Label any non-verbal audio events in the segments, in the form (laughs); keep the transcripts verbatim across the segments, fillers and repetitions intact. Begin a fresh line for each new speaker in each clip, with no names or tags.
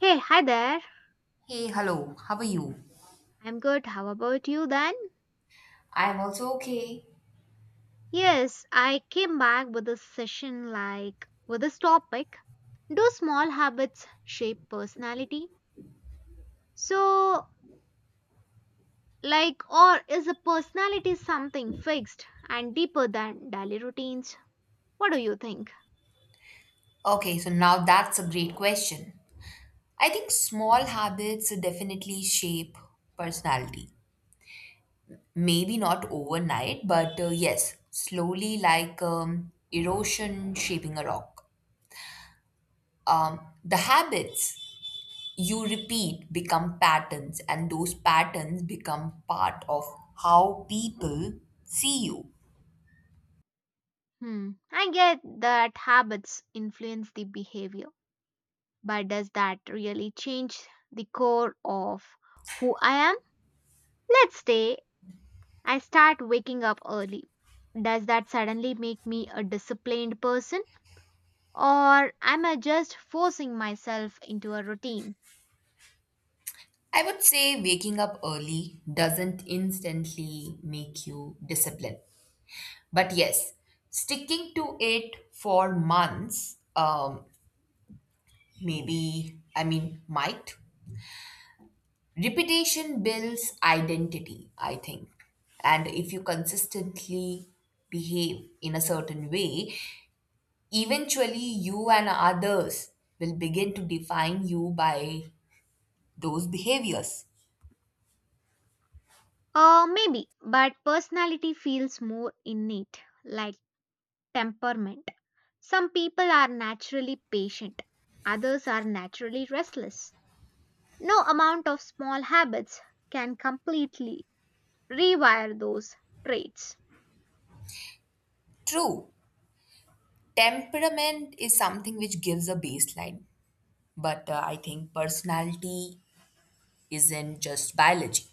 Hey, hi there.
Hey, hello, how are you?
I'm good. How about you then?
I'm also okay.
Yes, I came back with a session like with this topic. Do small habits shape personality? So, like, or is a personality something fixed and deeper than daily routines? What do you think?
Okay, so now that's a great question. I think small habits definitely shape personality. Maybe not overnight, but uh, yes, slowly, like um, erosion shaping a rock. Um, the habits you repeat become patterns, and those patterns become part of how people see you.
Hmm, I get that habits influence the behavior, but does that really change the core of who I am? Let's stay I start waking up early. Does that suddenly make me a disciplined person or am I just forcing myself into a routine?
I would say waking up early doesn't instantly make you disciplined. But yes, sticking to it for months, um, maybe, I mean, might. Repetition builds identity, I think. And if you consistently behave in a certain way, eventually you and others will begin to define you by those behaviors.
Uh, maybe, but personality feels more innate, like temperament. Some people are naturally patient, others are naturally restless. No amount of small habits can completely rewire those traits.
True, temperament is something which gives a baseline, but uh, I think personality isn't just biology.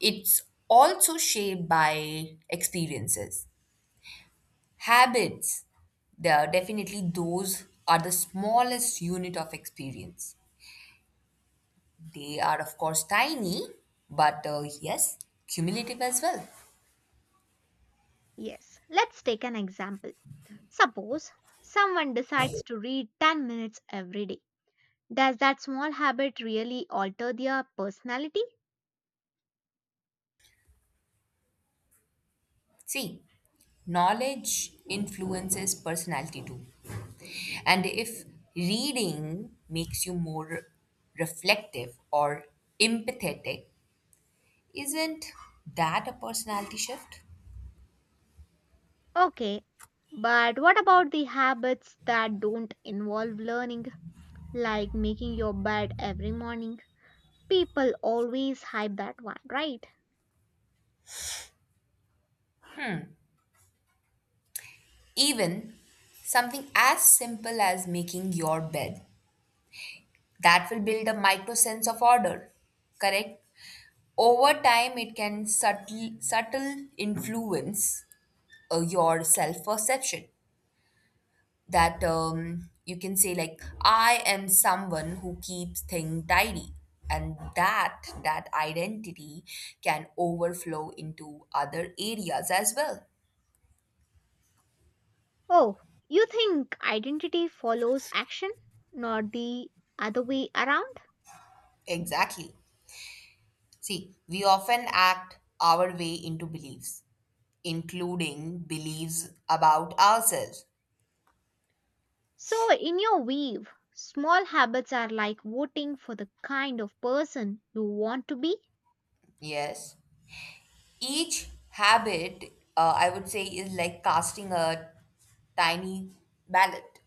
It's also shaped by experiences, habits. There are, definitely, those are the smallest unit of experience. They are, of course, tiny, but uh, yes, cumulative as well.
Yes, let's take an example. Suppose someone decides to read ten minutes every day. Does that small habit really alter their personality?
See, knowledge influences personality too. And if reading makes you more reflective or empathetic, isn't that a personality shift?
Okay, but what about the habits that don't involve learning, like making your bed every morning? People always hype that one, right?
Even something as simple as making your bed, that will build a micro sense of order, correct? Over time, it can subtle, subtle influence uh, your self perception. That, um, you can say, like, I am someone who keeps things tidy, and that that identity can overflow into other areas as well.
Oh, you think identity follows action, not the other way around?
Exactly. See, we often act our way into beliefs, including beliefs about ourselves.
So, in your weave, small habits are like voting for the kind of person you want to be.
Yes. Each habit, uh, I would say, is like casting a tiny ballot.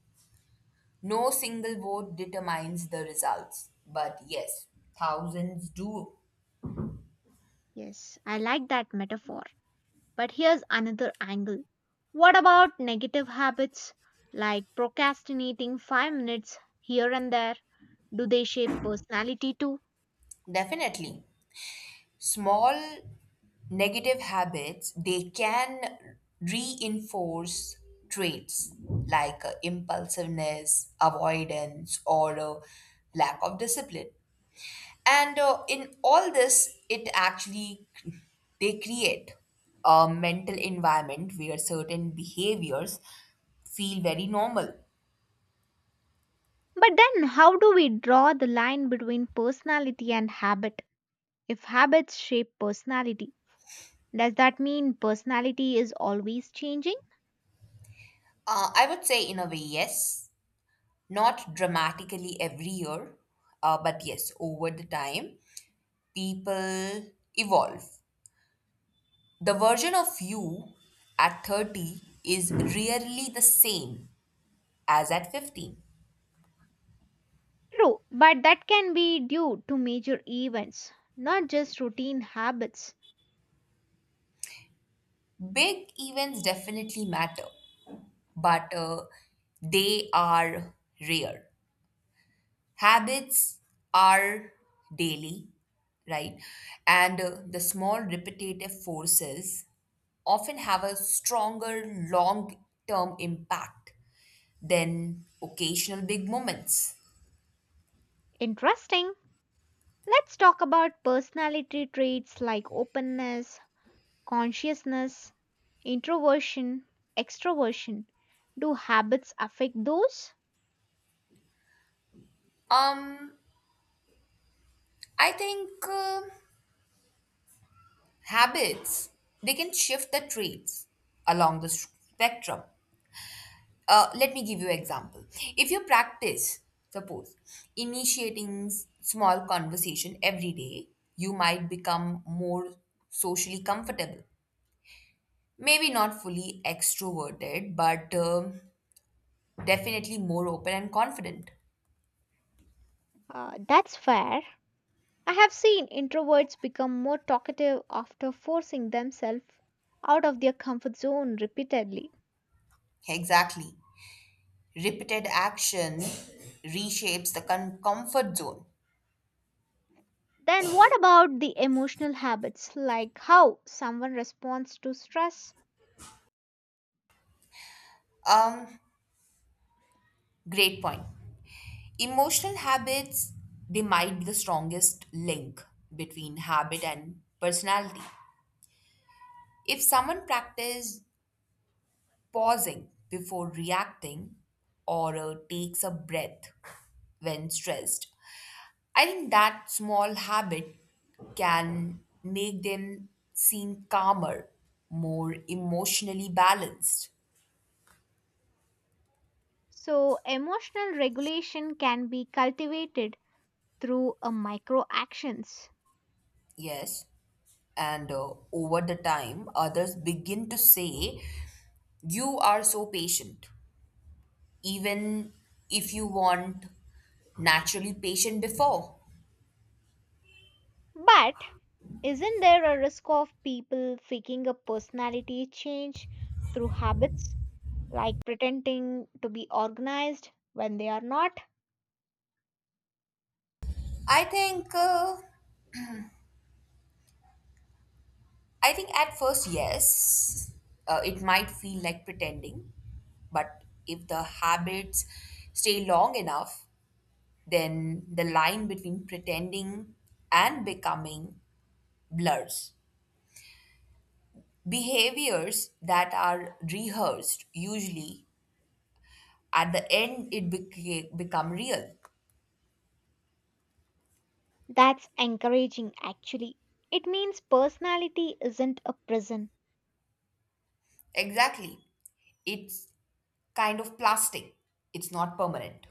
No single vote determines the results, but yes, thousands do.
Yes, I like that metaphor. But here's another angle. What about negative habits like procrastinating five minutes here and there? Do they shape personality too?
Definitely. Small negative habits, they can reinforce traits like uh, impulsiveness, avoidance, or uh, lack of discipline. And uh, in all this, it actually they create a mental environment where certain behaviors feel very normal.
But then, how do we draw the line between personality and habit? If habits shape personality, does that mean personality is always changing?
Uh, I would say, in a way, yes. Not dramatically every year, uh, but yes, over the time, people evolve. The version of you at thirty is rarely the same as at fifteen.
True, but that can be due to major events, not just routine habits.
Big events definitely matter, but uh, they are rare. Habits are daily, right? And uh, the small repetitive forces often have a stronger long term impact than occasional big moments.
Interesting. Let's talk about personality traits like openness, consciousness, introversion, extroversion. Do habits affect those?
Um, I think, uh, habits, they can shift the traits along the spectrum. Uh, let me give you an example. If you practice, suppose, initiating s- small conversation every day, you might become more socially comfortable. Maybe not fully extroverted, but um, definitely more open and confident.
Uh, that's fair. I have seen introverts become more talkative after forcing themselves out of their comfort zone repeatedly.
Exactly. Repeated action reshapes the con- comfort zone.
Then, what about the emotional habits, like how someone responds to stress?
Um, Great point. Emotional habits, they might be the strongest link between habit and personality. If someone practices pausing before reacting or uh, takes a breath when stressed, I think that small habit can make them seem calmer, more emotionally balanced.
So, emotional regulation can be cultivated through a micro actions.
Yes. And uh, over the time, others begin to say, you are so patient, even if you weren't naturally patient before.
But isn't there a risk of people faking a personality change through habits, like pretending to be organized when they are not?
I think, uh, I think at first, yes, uh, it might feel like pretending, but if the habits stay long enough, then the line between pretending and becoming blurs. Behaviors that are rehearsed, usually at the end, it became become real.
That's encouraging, actually. It means personality isn't a prison.
Exactly. It's kind of plastic, it's not permanent.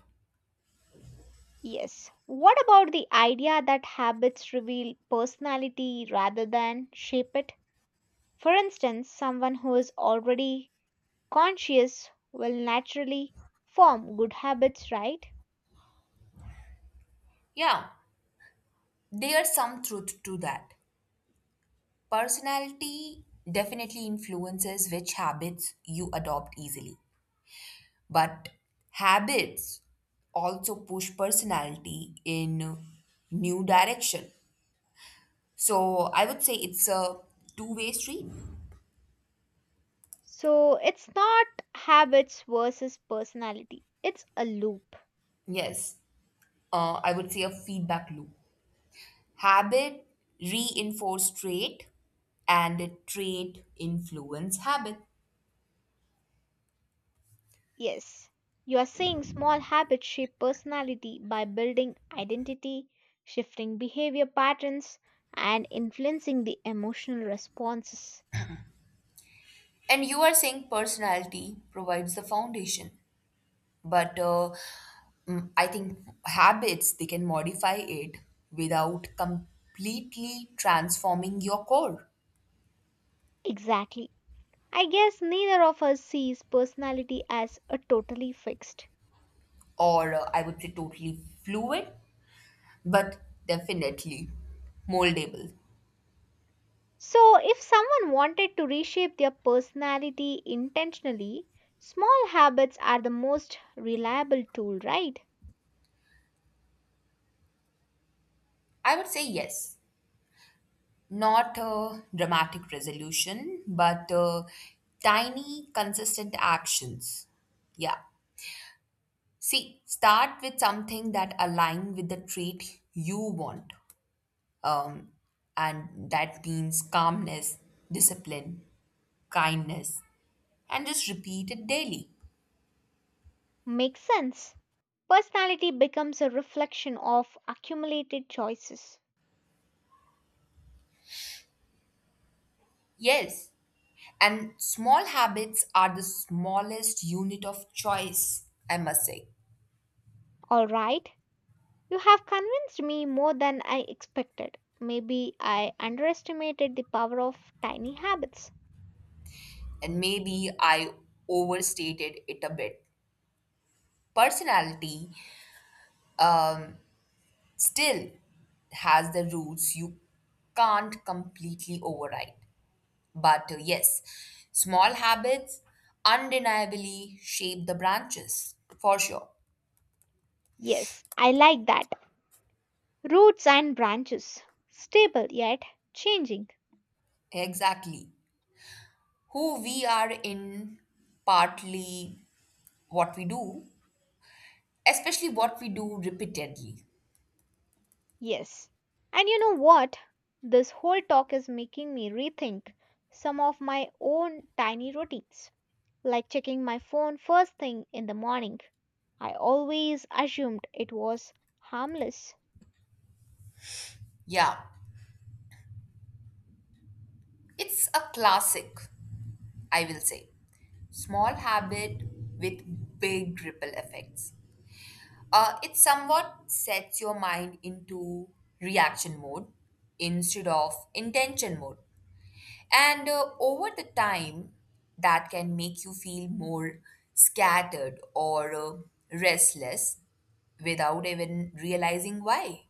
Yes. What about the idea that habits reveal personality rather than shape it? For instance, someone who is already conscious will naturally form good habits, right?
Yeah, there's some truth to that. Personality definitely influences which habits you adopt easily, but habits also push personality in new direction, so I would say it's a two way street.
So it's not habits versus personality, it's a loop.
Yes, uh, I would say a feedback loop. Habit reinforce trait, and trait influence habit.
Yes, you are saying small habits shape personality by building identity, shifting behavior patterns, and influencing the emotional responses.
And you are saying personality provides the foundation. But uh, mm, I think habits, they can modify it without completely transforming your core.
Exactly. I guess neither of us sees personality as a totally fixed.
Or uh, I would say totally fluid, but definitely moldable.
So, if someone wanted to reshape their personality intentionally, small habits are the most reliable tool, right?
I would say yes. Not a dramatic resolution, but uh, tiny, consistent actions. Yeah. See, start with something that align with the trait you want. Um, and that means calmness, discipline, kindness, and just repeat it daily.
Makes sense. Personality becomes a reflection of accumulated choices.
Yes. And small habits are the smallest unit of choice, I must say.
All right, you have convinced me more than I expected. Maybe I underestimated the power of tiny habits.
And maybe I overstated it a bit. Personality, um, still has the rules you can't completely override. But uh, yes, small habits undeniably shape the branches for sure.
Yes, I like that. Roots and branches. Stable yet changing.
Exactly. Who we are in partly what we do, especially what we do repeatedly.
Yes. And you know what? This whole talk is making me rethink some of my own tiny routines, like checking my phone first thing in the morning. I always assumed it was harmless.
Yeah, it's a classic, I will say. Small habit with big ripple effects. Uh, it somewhat sets your mind into reaction mode instead of intention mode. And uh, over the time, that can make you feel more scattered or uh, restless without even realizing why.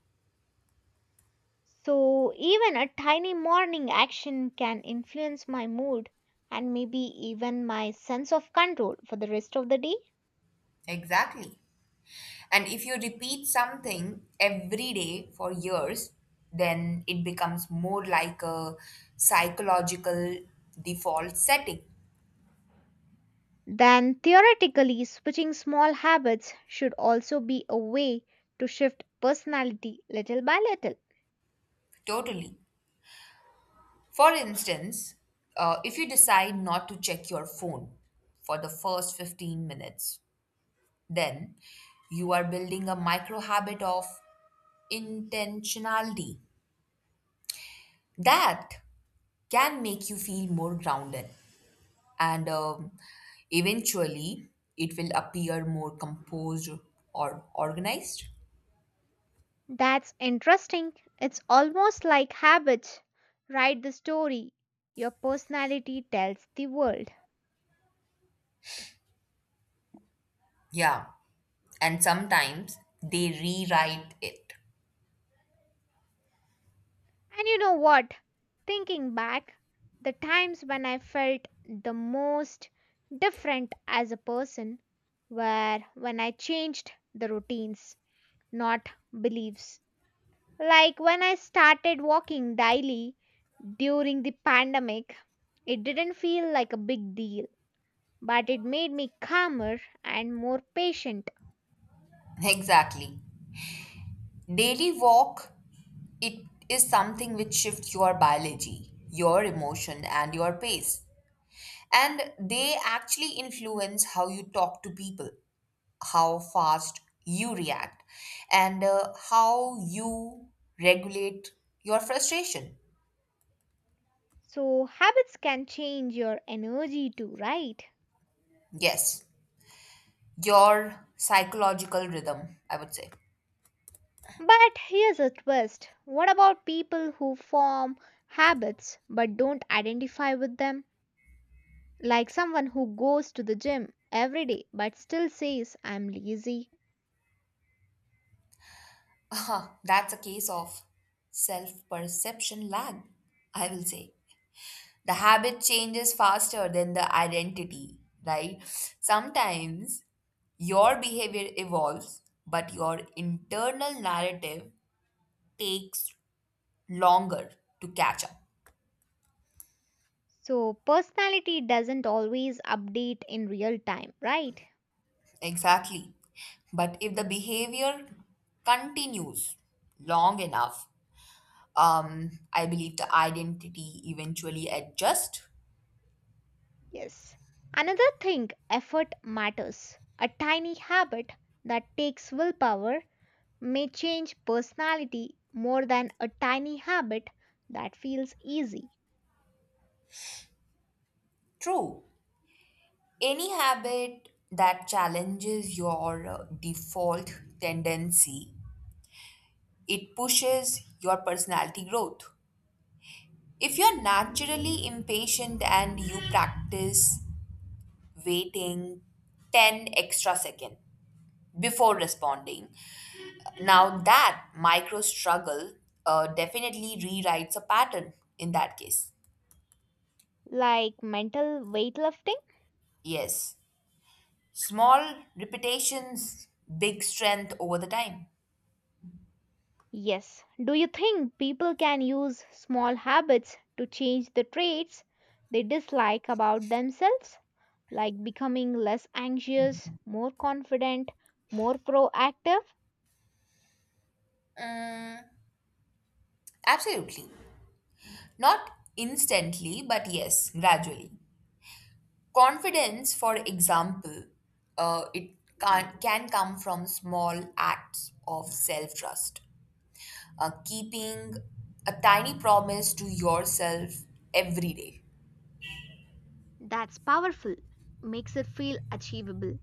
So, even a tiny morning action can influence my mood and maybe even my sense of control for the rest of the day.
Exactly. And if you repeat something every day for years, then it becomes more like a psychological default setting.
Then, theoretically, switching small habits should also be a way to shift personality little by little.
Totally. For instance, uh, if you decide not to check your phone for the first fifteen minutes, then you are building a micro habit of intentionality that can make you feel more grounded. And um, eventually, it will appear more composed or organized.
That's interesting. It's almost like habits write the story your personality tells the world.
Yeah. And sometimes they rewrite it.
And you know what? Thinking back, the times when I felt the most different as a person were when I changed the routines, not beliefs. Like when I started walking daily during the pandemic, it didn't feel like a big deal, but it made me calmer and more patient.
Exactly. Daily walk. It is something which shifts your biology, your emotion, and your pace. And they actually influence how you talk to people, how fast you react, and uh, how you regulate your frustration.
So, habits can change your energy too, right?
Yes, your psychological rhythm, I would say.
But here's a twist, what about people who form habits but don't identify with them? Like someone who goes to the gym every day but still says, I'm lazy.
(laughs) That's a case of self perception lag, I will say. The habit changes faster than the identity, right? Sometimes your behavior evolves, but your internal narrative takes longer to catch up.
So, personality doesn't always update in real time, right?
Exactly. But if the behavior continues long enough, um, I believe the identity eventually adjusts.
Yes. Another thing, effort matters. A tiny habit that takes willpower may change personality more than a tiny habit that feels easy.
True. Any habit that challenges your uh, default tendency. It pushes your personality growth. If you're naturally impatient and you practice waiting ten extra seconds before responding, now that micro struggle uh, definitely rewrites a pattern in that case.
Like mental weightlifting?
Yes, small repetitions, big strength over the time.
Yes. Do you think people can use small habits to change the traits they dislike about themselves? Like becoming less anxious, more confident, more proactive?
Mm, absolutely. Not instantly, but yes, gradually. Confidence, for example, uh, it can, can come from small acts of self trust, uh, keeping a tiny promise to yourself every day.
That's powerful. Makes it feel achievable.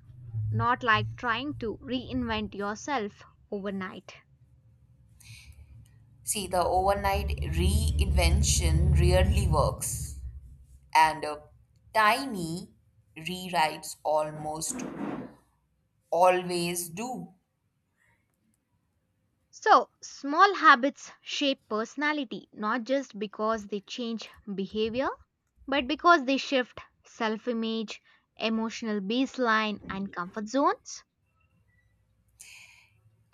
Not like trying to reinvent yourself overnight.
See, the overnight reinvention rarely works, and uh, tiny rewrites almost always do.
So, small habits shape personality not just because they change behavior, but because they shift self image, emotional baseline, and comfort zones.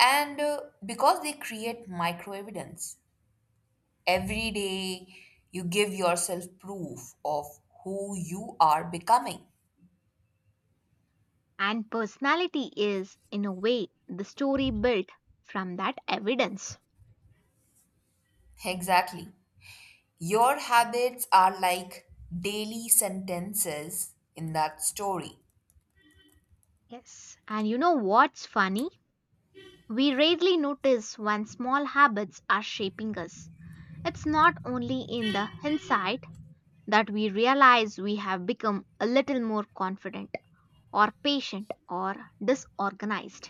And uh, because they create micro evidence, every day, you give yourself proof of who you are becoming.
And personality is, in a way, the story built from that evidence.
Exactly. Your habits are like daily sentences in that story.
Yes. And you know what's funny? We rarely notice when small habits are shaping us. It's not only in the hindsight that we realize we have become a little more confident or patient or disorganized.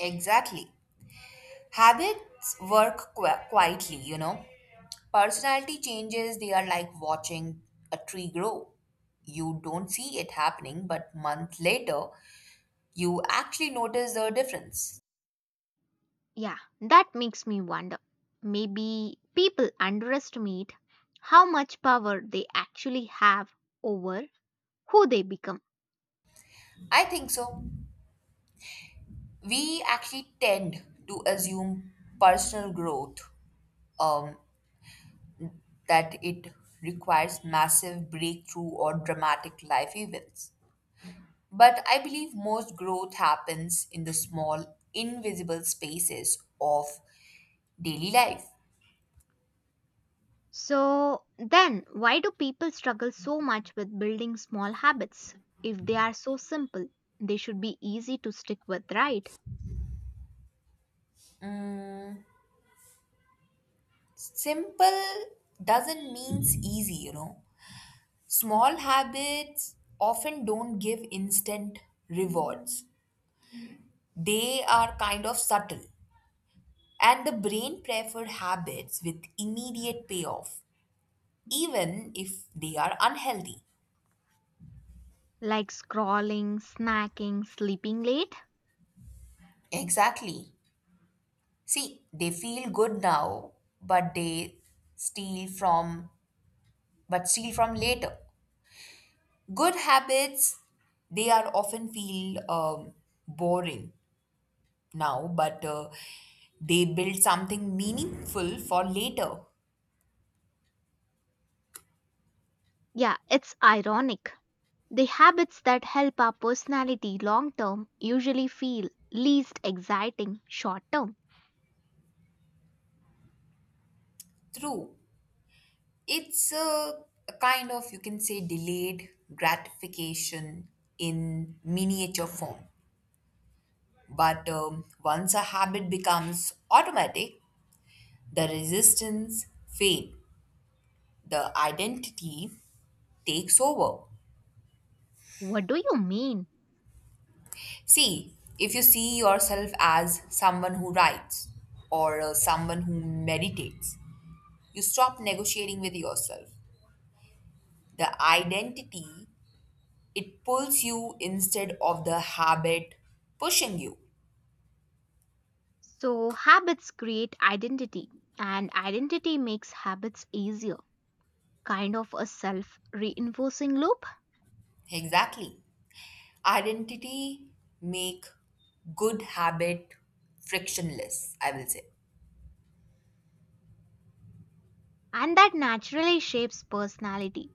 Exactly. Habits work qu- quietly, you know. Personality changes, they are like watching a tree grow. You don't see it happening, but month later, you actually notice the difference.
Yeah, that makes me wonder. Maybe people underestimate how much power they actually have over who they become.
I think so. We actually tend to assume personal growth, um, that it requires massive breakthrough or dramatic life events. But I believe most growth happens in the small invisible spaces of daily life.
So, then why do people struggle so much with building small habits? If they are so simple, they should be easy to stick with, right?
Simple doesn't mean easy you know Small habits often don't give instant rewards, they are kind of subtle. And the brain prefer habits with immediate payoff, even if they are unhealthy.
Like scrolling, snacking, sleeping late.
Exactly. See, they feel good now, but they steal from but steal from later. Good habits, they are often feel um, boring now, but uh, they build something meaningful for later.
Yeah, it's ironic. The habits that help our personality long term usually feel least exciting short term.
True. It's a, a kind of, you can say, delayed gratification in miniature form. But um, once a habit becomes automatic, the resistance fades, the identity takes over.
What do you mean?
See, if you see yourself as someone who writes or uh, someone who meditates, you stop negotiating with yourself. The identity, it pulls you instead of the habit pushing you.
So, habits create identity, and identity makes habits easier, kind of a self reinforcing loop,
Exactly. Identity make good habit frictionless, I will say.
and that naturally shapes personality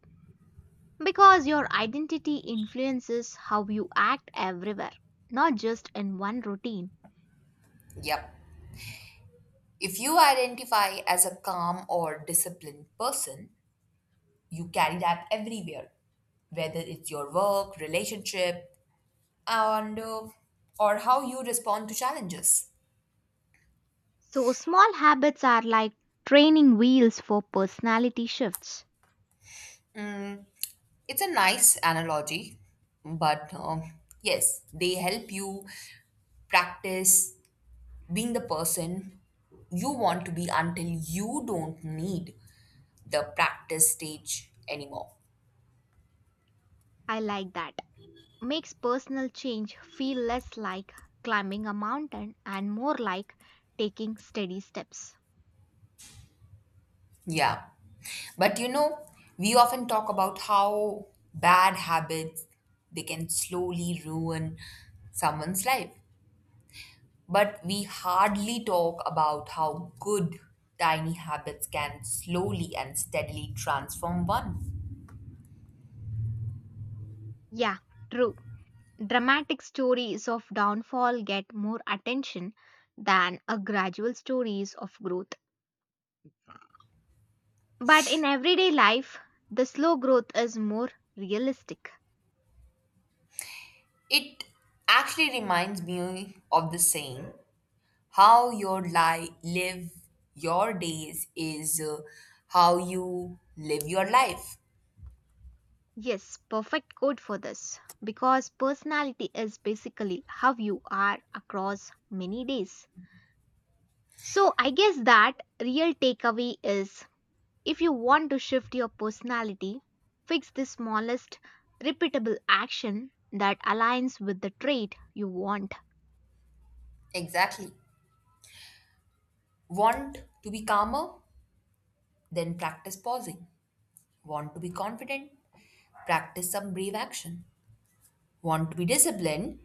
because your identity influences how you act everywhere, not just in one routine.
Yep. If you identify as a calm or disciplined person, you carry that everywhere, whether it's your work, relationship, and uh, or how you respond to challenges.
So, small habits are like training wheels for personality shifts.
It's a nice analogy, but um, yes, they help you practice being the person you want to be until you don't need the practice stage anymore.
I like that. Makes personal change feel less like climbing a mountain and more like taking steady steps.
Yeah. But you know, we often talk about how bad habits, they can slowly ruin someone's life. But we hardly talk about how good tiny habits can slowly and steadily transform one.
Yeah, true. Dramatic stories of downfall get more attention than a gradual stories of growth. But in everyday life, the slow growth is more realistic.
It actually reminds me of the saying, how your li- live your days is, uh, how you live your life.
Yes, perfect quote for this because personality is basically how you are across many days. So, I guess that real takeaway is if you want to shift your personality, fix the smallest repeatable action that aligns with the trait you want.
Exactly. Want to be calmer? Then practice pausing. Want to be confident? Practice some brave action. Want to be disciplined?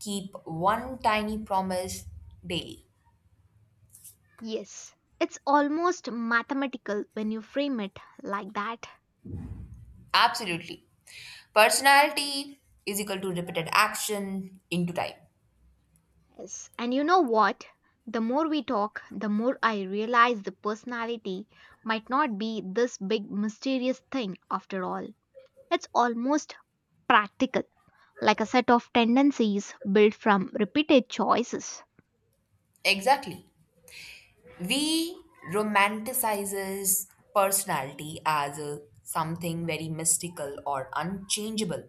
Keep one tiny promise daily.
Yes, it's almost mathematical when you frame it like that.
Absolutely. Personality is equal to repeated action into time.
Yes, and you know what? The more we talk, the more I realize the personality might not be this big mysterious thing after all. It's almost practical. Like a set of tendencies built from repeated choices.
Exactly. We romanticizes personality as a, something very mystical or unchangeable,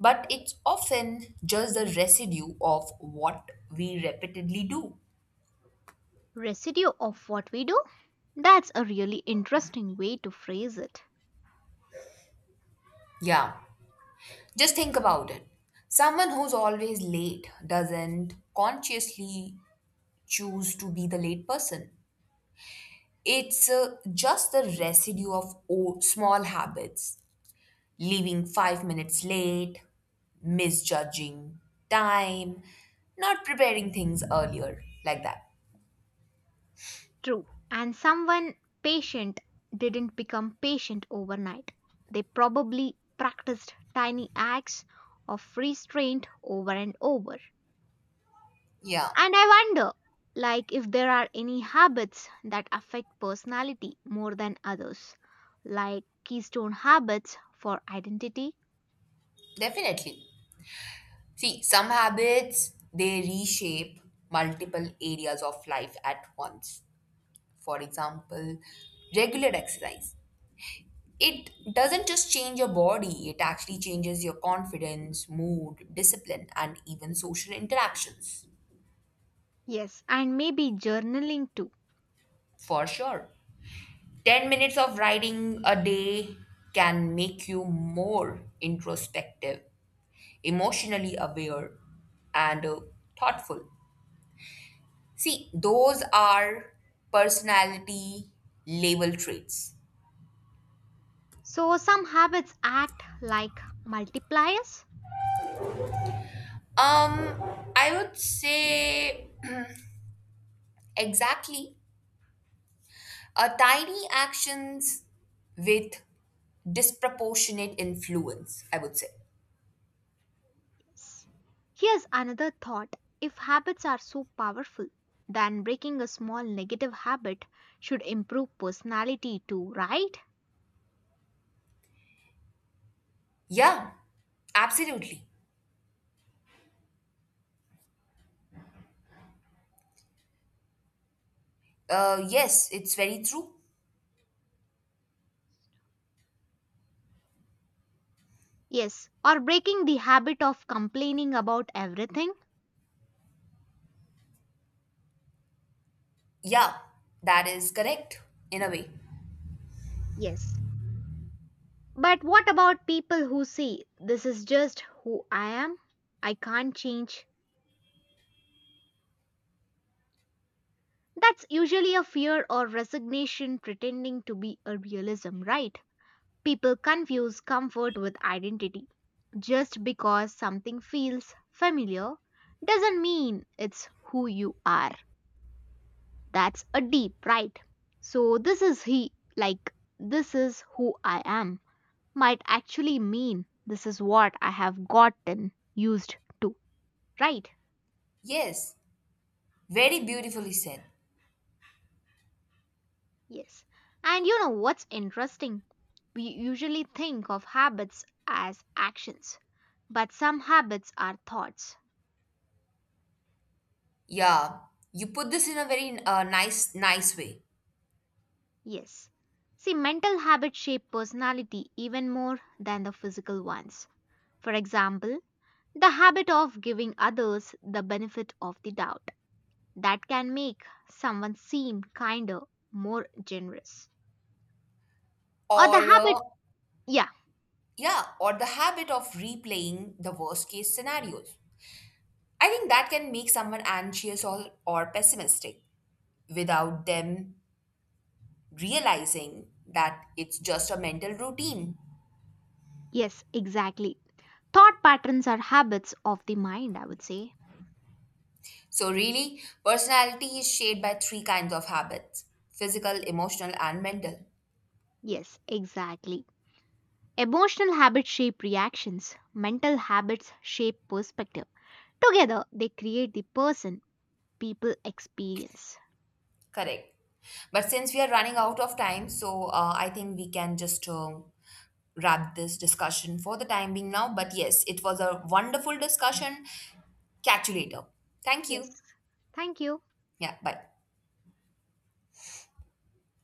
but it's often just the residue of what we repeatedly do.
Residue of what we do? That's a really interesting way to phrase it.
Yeah, just think about it. Someone who's always late doesn't consciously choose to be the late person. It's uh, just the residue of o- small habits, leaving five minutes late, misjudging time, not preparing things earlier, like that.
True. And someone patient didn't become patient overnight. They probably practiced tiny acts of restraint over and over.
Yeah,
And I wonder, like, if there are any habits that affect personality more than others, like keystone habits for identity.
definitely. See, some habits, they reshape multiple areas of life at once. For example, regular exercise. It doesn't just change your body, it actually changes your confidence, mood, discipline, and even social interactions.
Yes, and maybe journaling too.
For sure. ten minutes of writing a day can make you more introspective, emotionally aware, and uh, thoughtful. See, those are personality label traits.
So, some habits act like multipliers.
Um, I would say exactly. Uh, tiny actions with disproportionate influence, I would say.
Yes. Here's another thought, if habits are so powerful, then breaking a small negative habit should improve personality too, right?
Yeah, absolutely. Uh, yes, it's very true.
Yes, or breaking the habit of complaining about everything.
Yeah, that is correct in a way.
Yes, but what about people who see this is just who I am? I can't change. That's usually a fear or resignation pretending to be a realism, right? People confuse comfort with identity. Just because something feels familiar doesn't mean it's who you are. That's a deep, right? So, this is he, like, this is who I am, might actually mean this is what I have gotten used to, right?
Yes, very beautifully said.
Yes. And you know what's interesting? We usually think of habits as actions, but some habits are thoughts.
Yeah, you put this in a very uh, nice, nice way.
Yes. See, mental habits shape personality even more than the physical ones. For example, the habit of giving others the benefit of the doubt that can make someone seem kinder, more generous. Or the
Or,
habit,
uh,
yeah,
yeah, or the habit of replaying the worst case scenarios. I think that can make someone anxious or, or pessimistic without them realizing that it's just a mental routine.
yes, exactly. Thought patterns are habits of the mind, I would say.
So, really, personality is shaped by three kinds of habits: physical, emotional, and mental.
Yes, exactly. Emotional habits shape reactions, mental habits shape perspective. Together, they create the person people experience.
Correct. But since we are running out of time, so uh, I think we can just uh, wrap this discussion for the time being now. But yes, it was a wonderful discussion. Catch you later. Thank you.
Yes. Thank you.
Yeah, bye.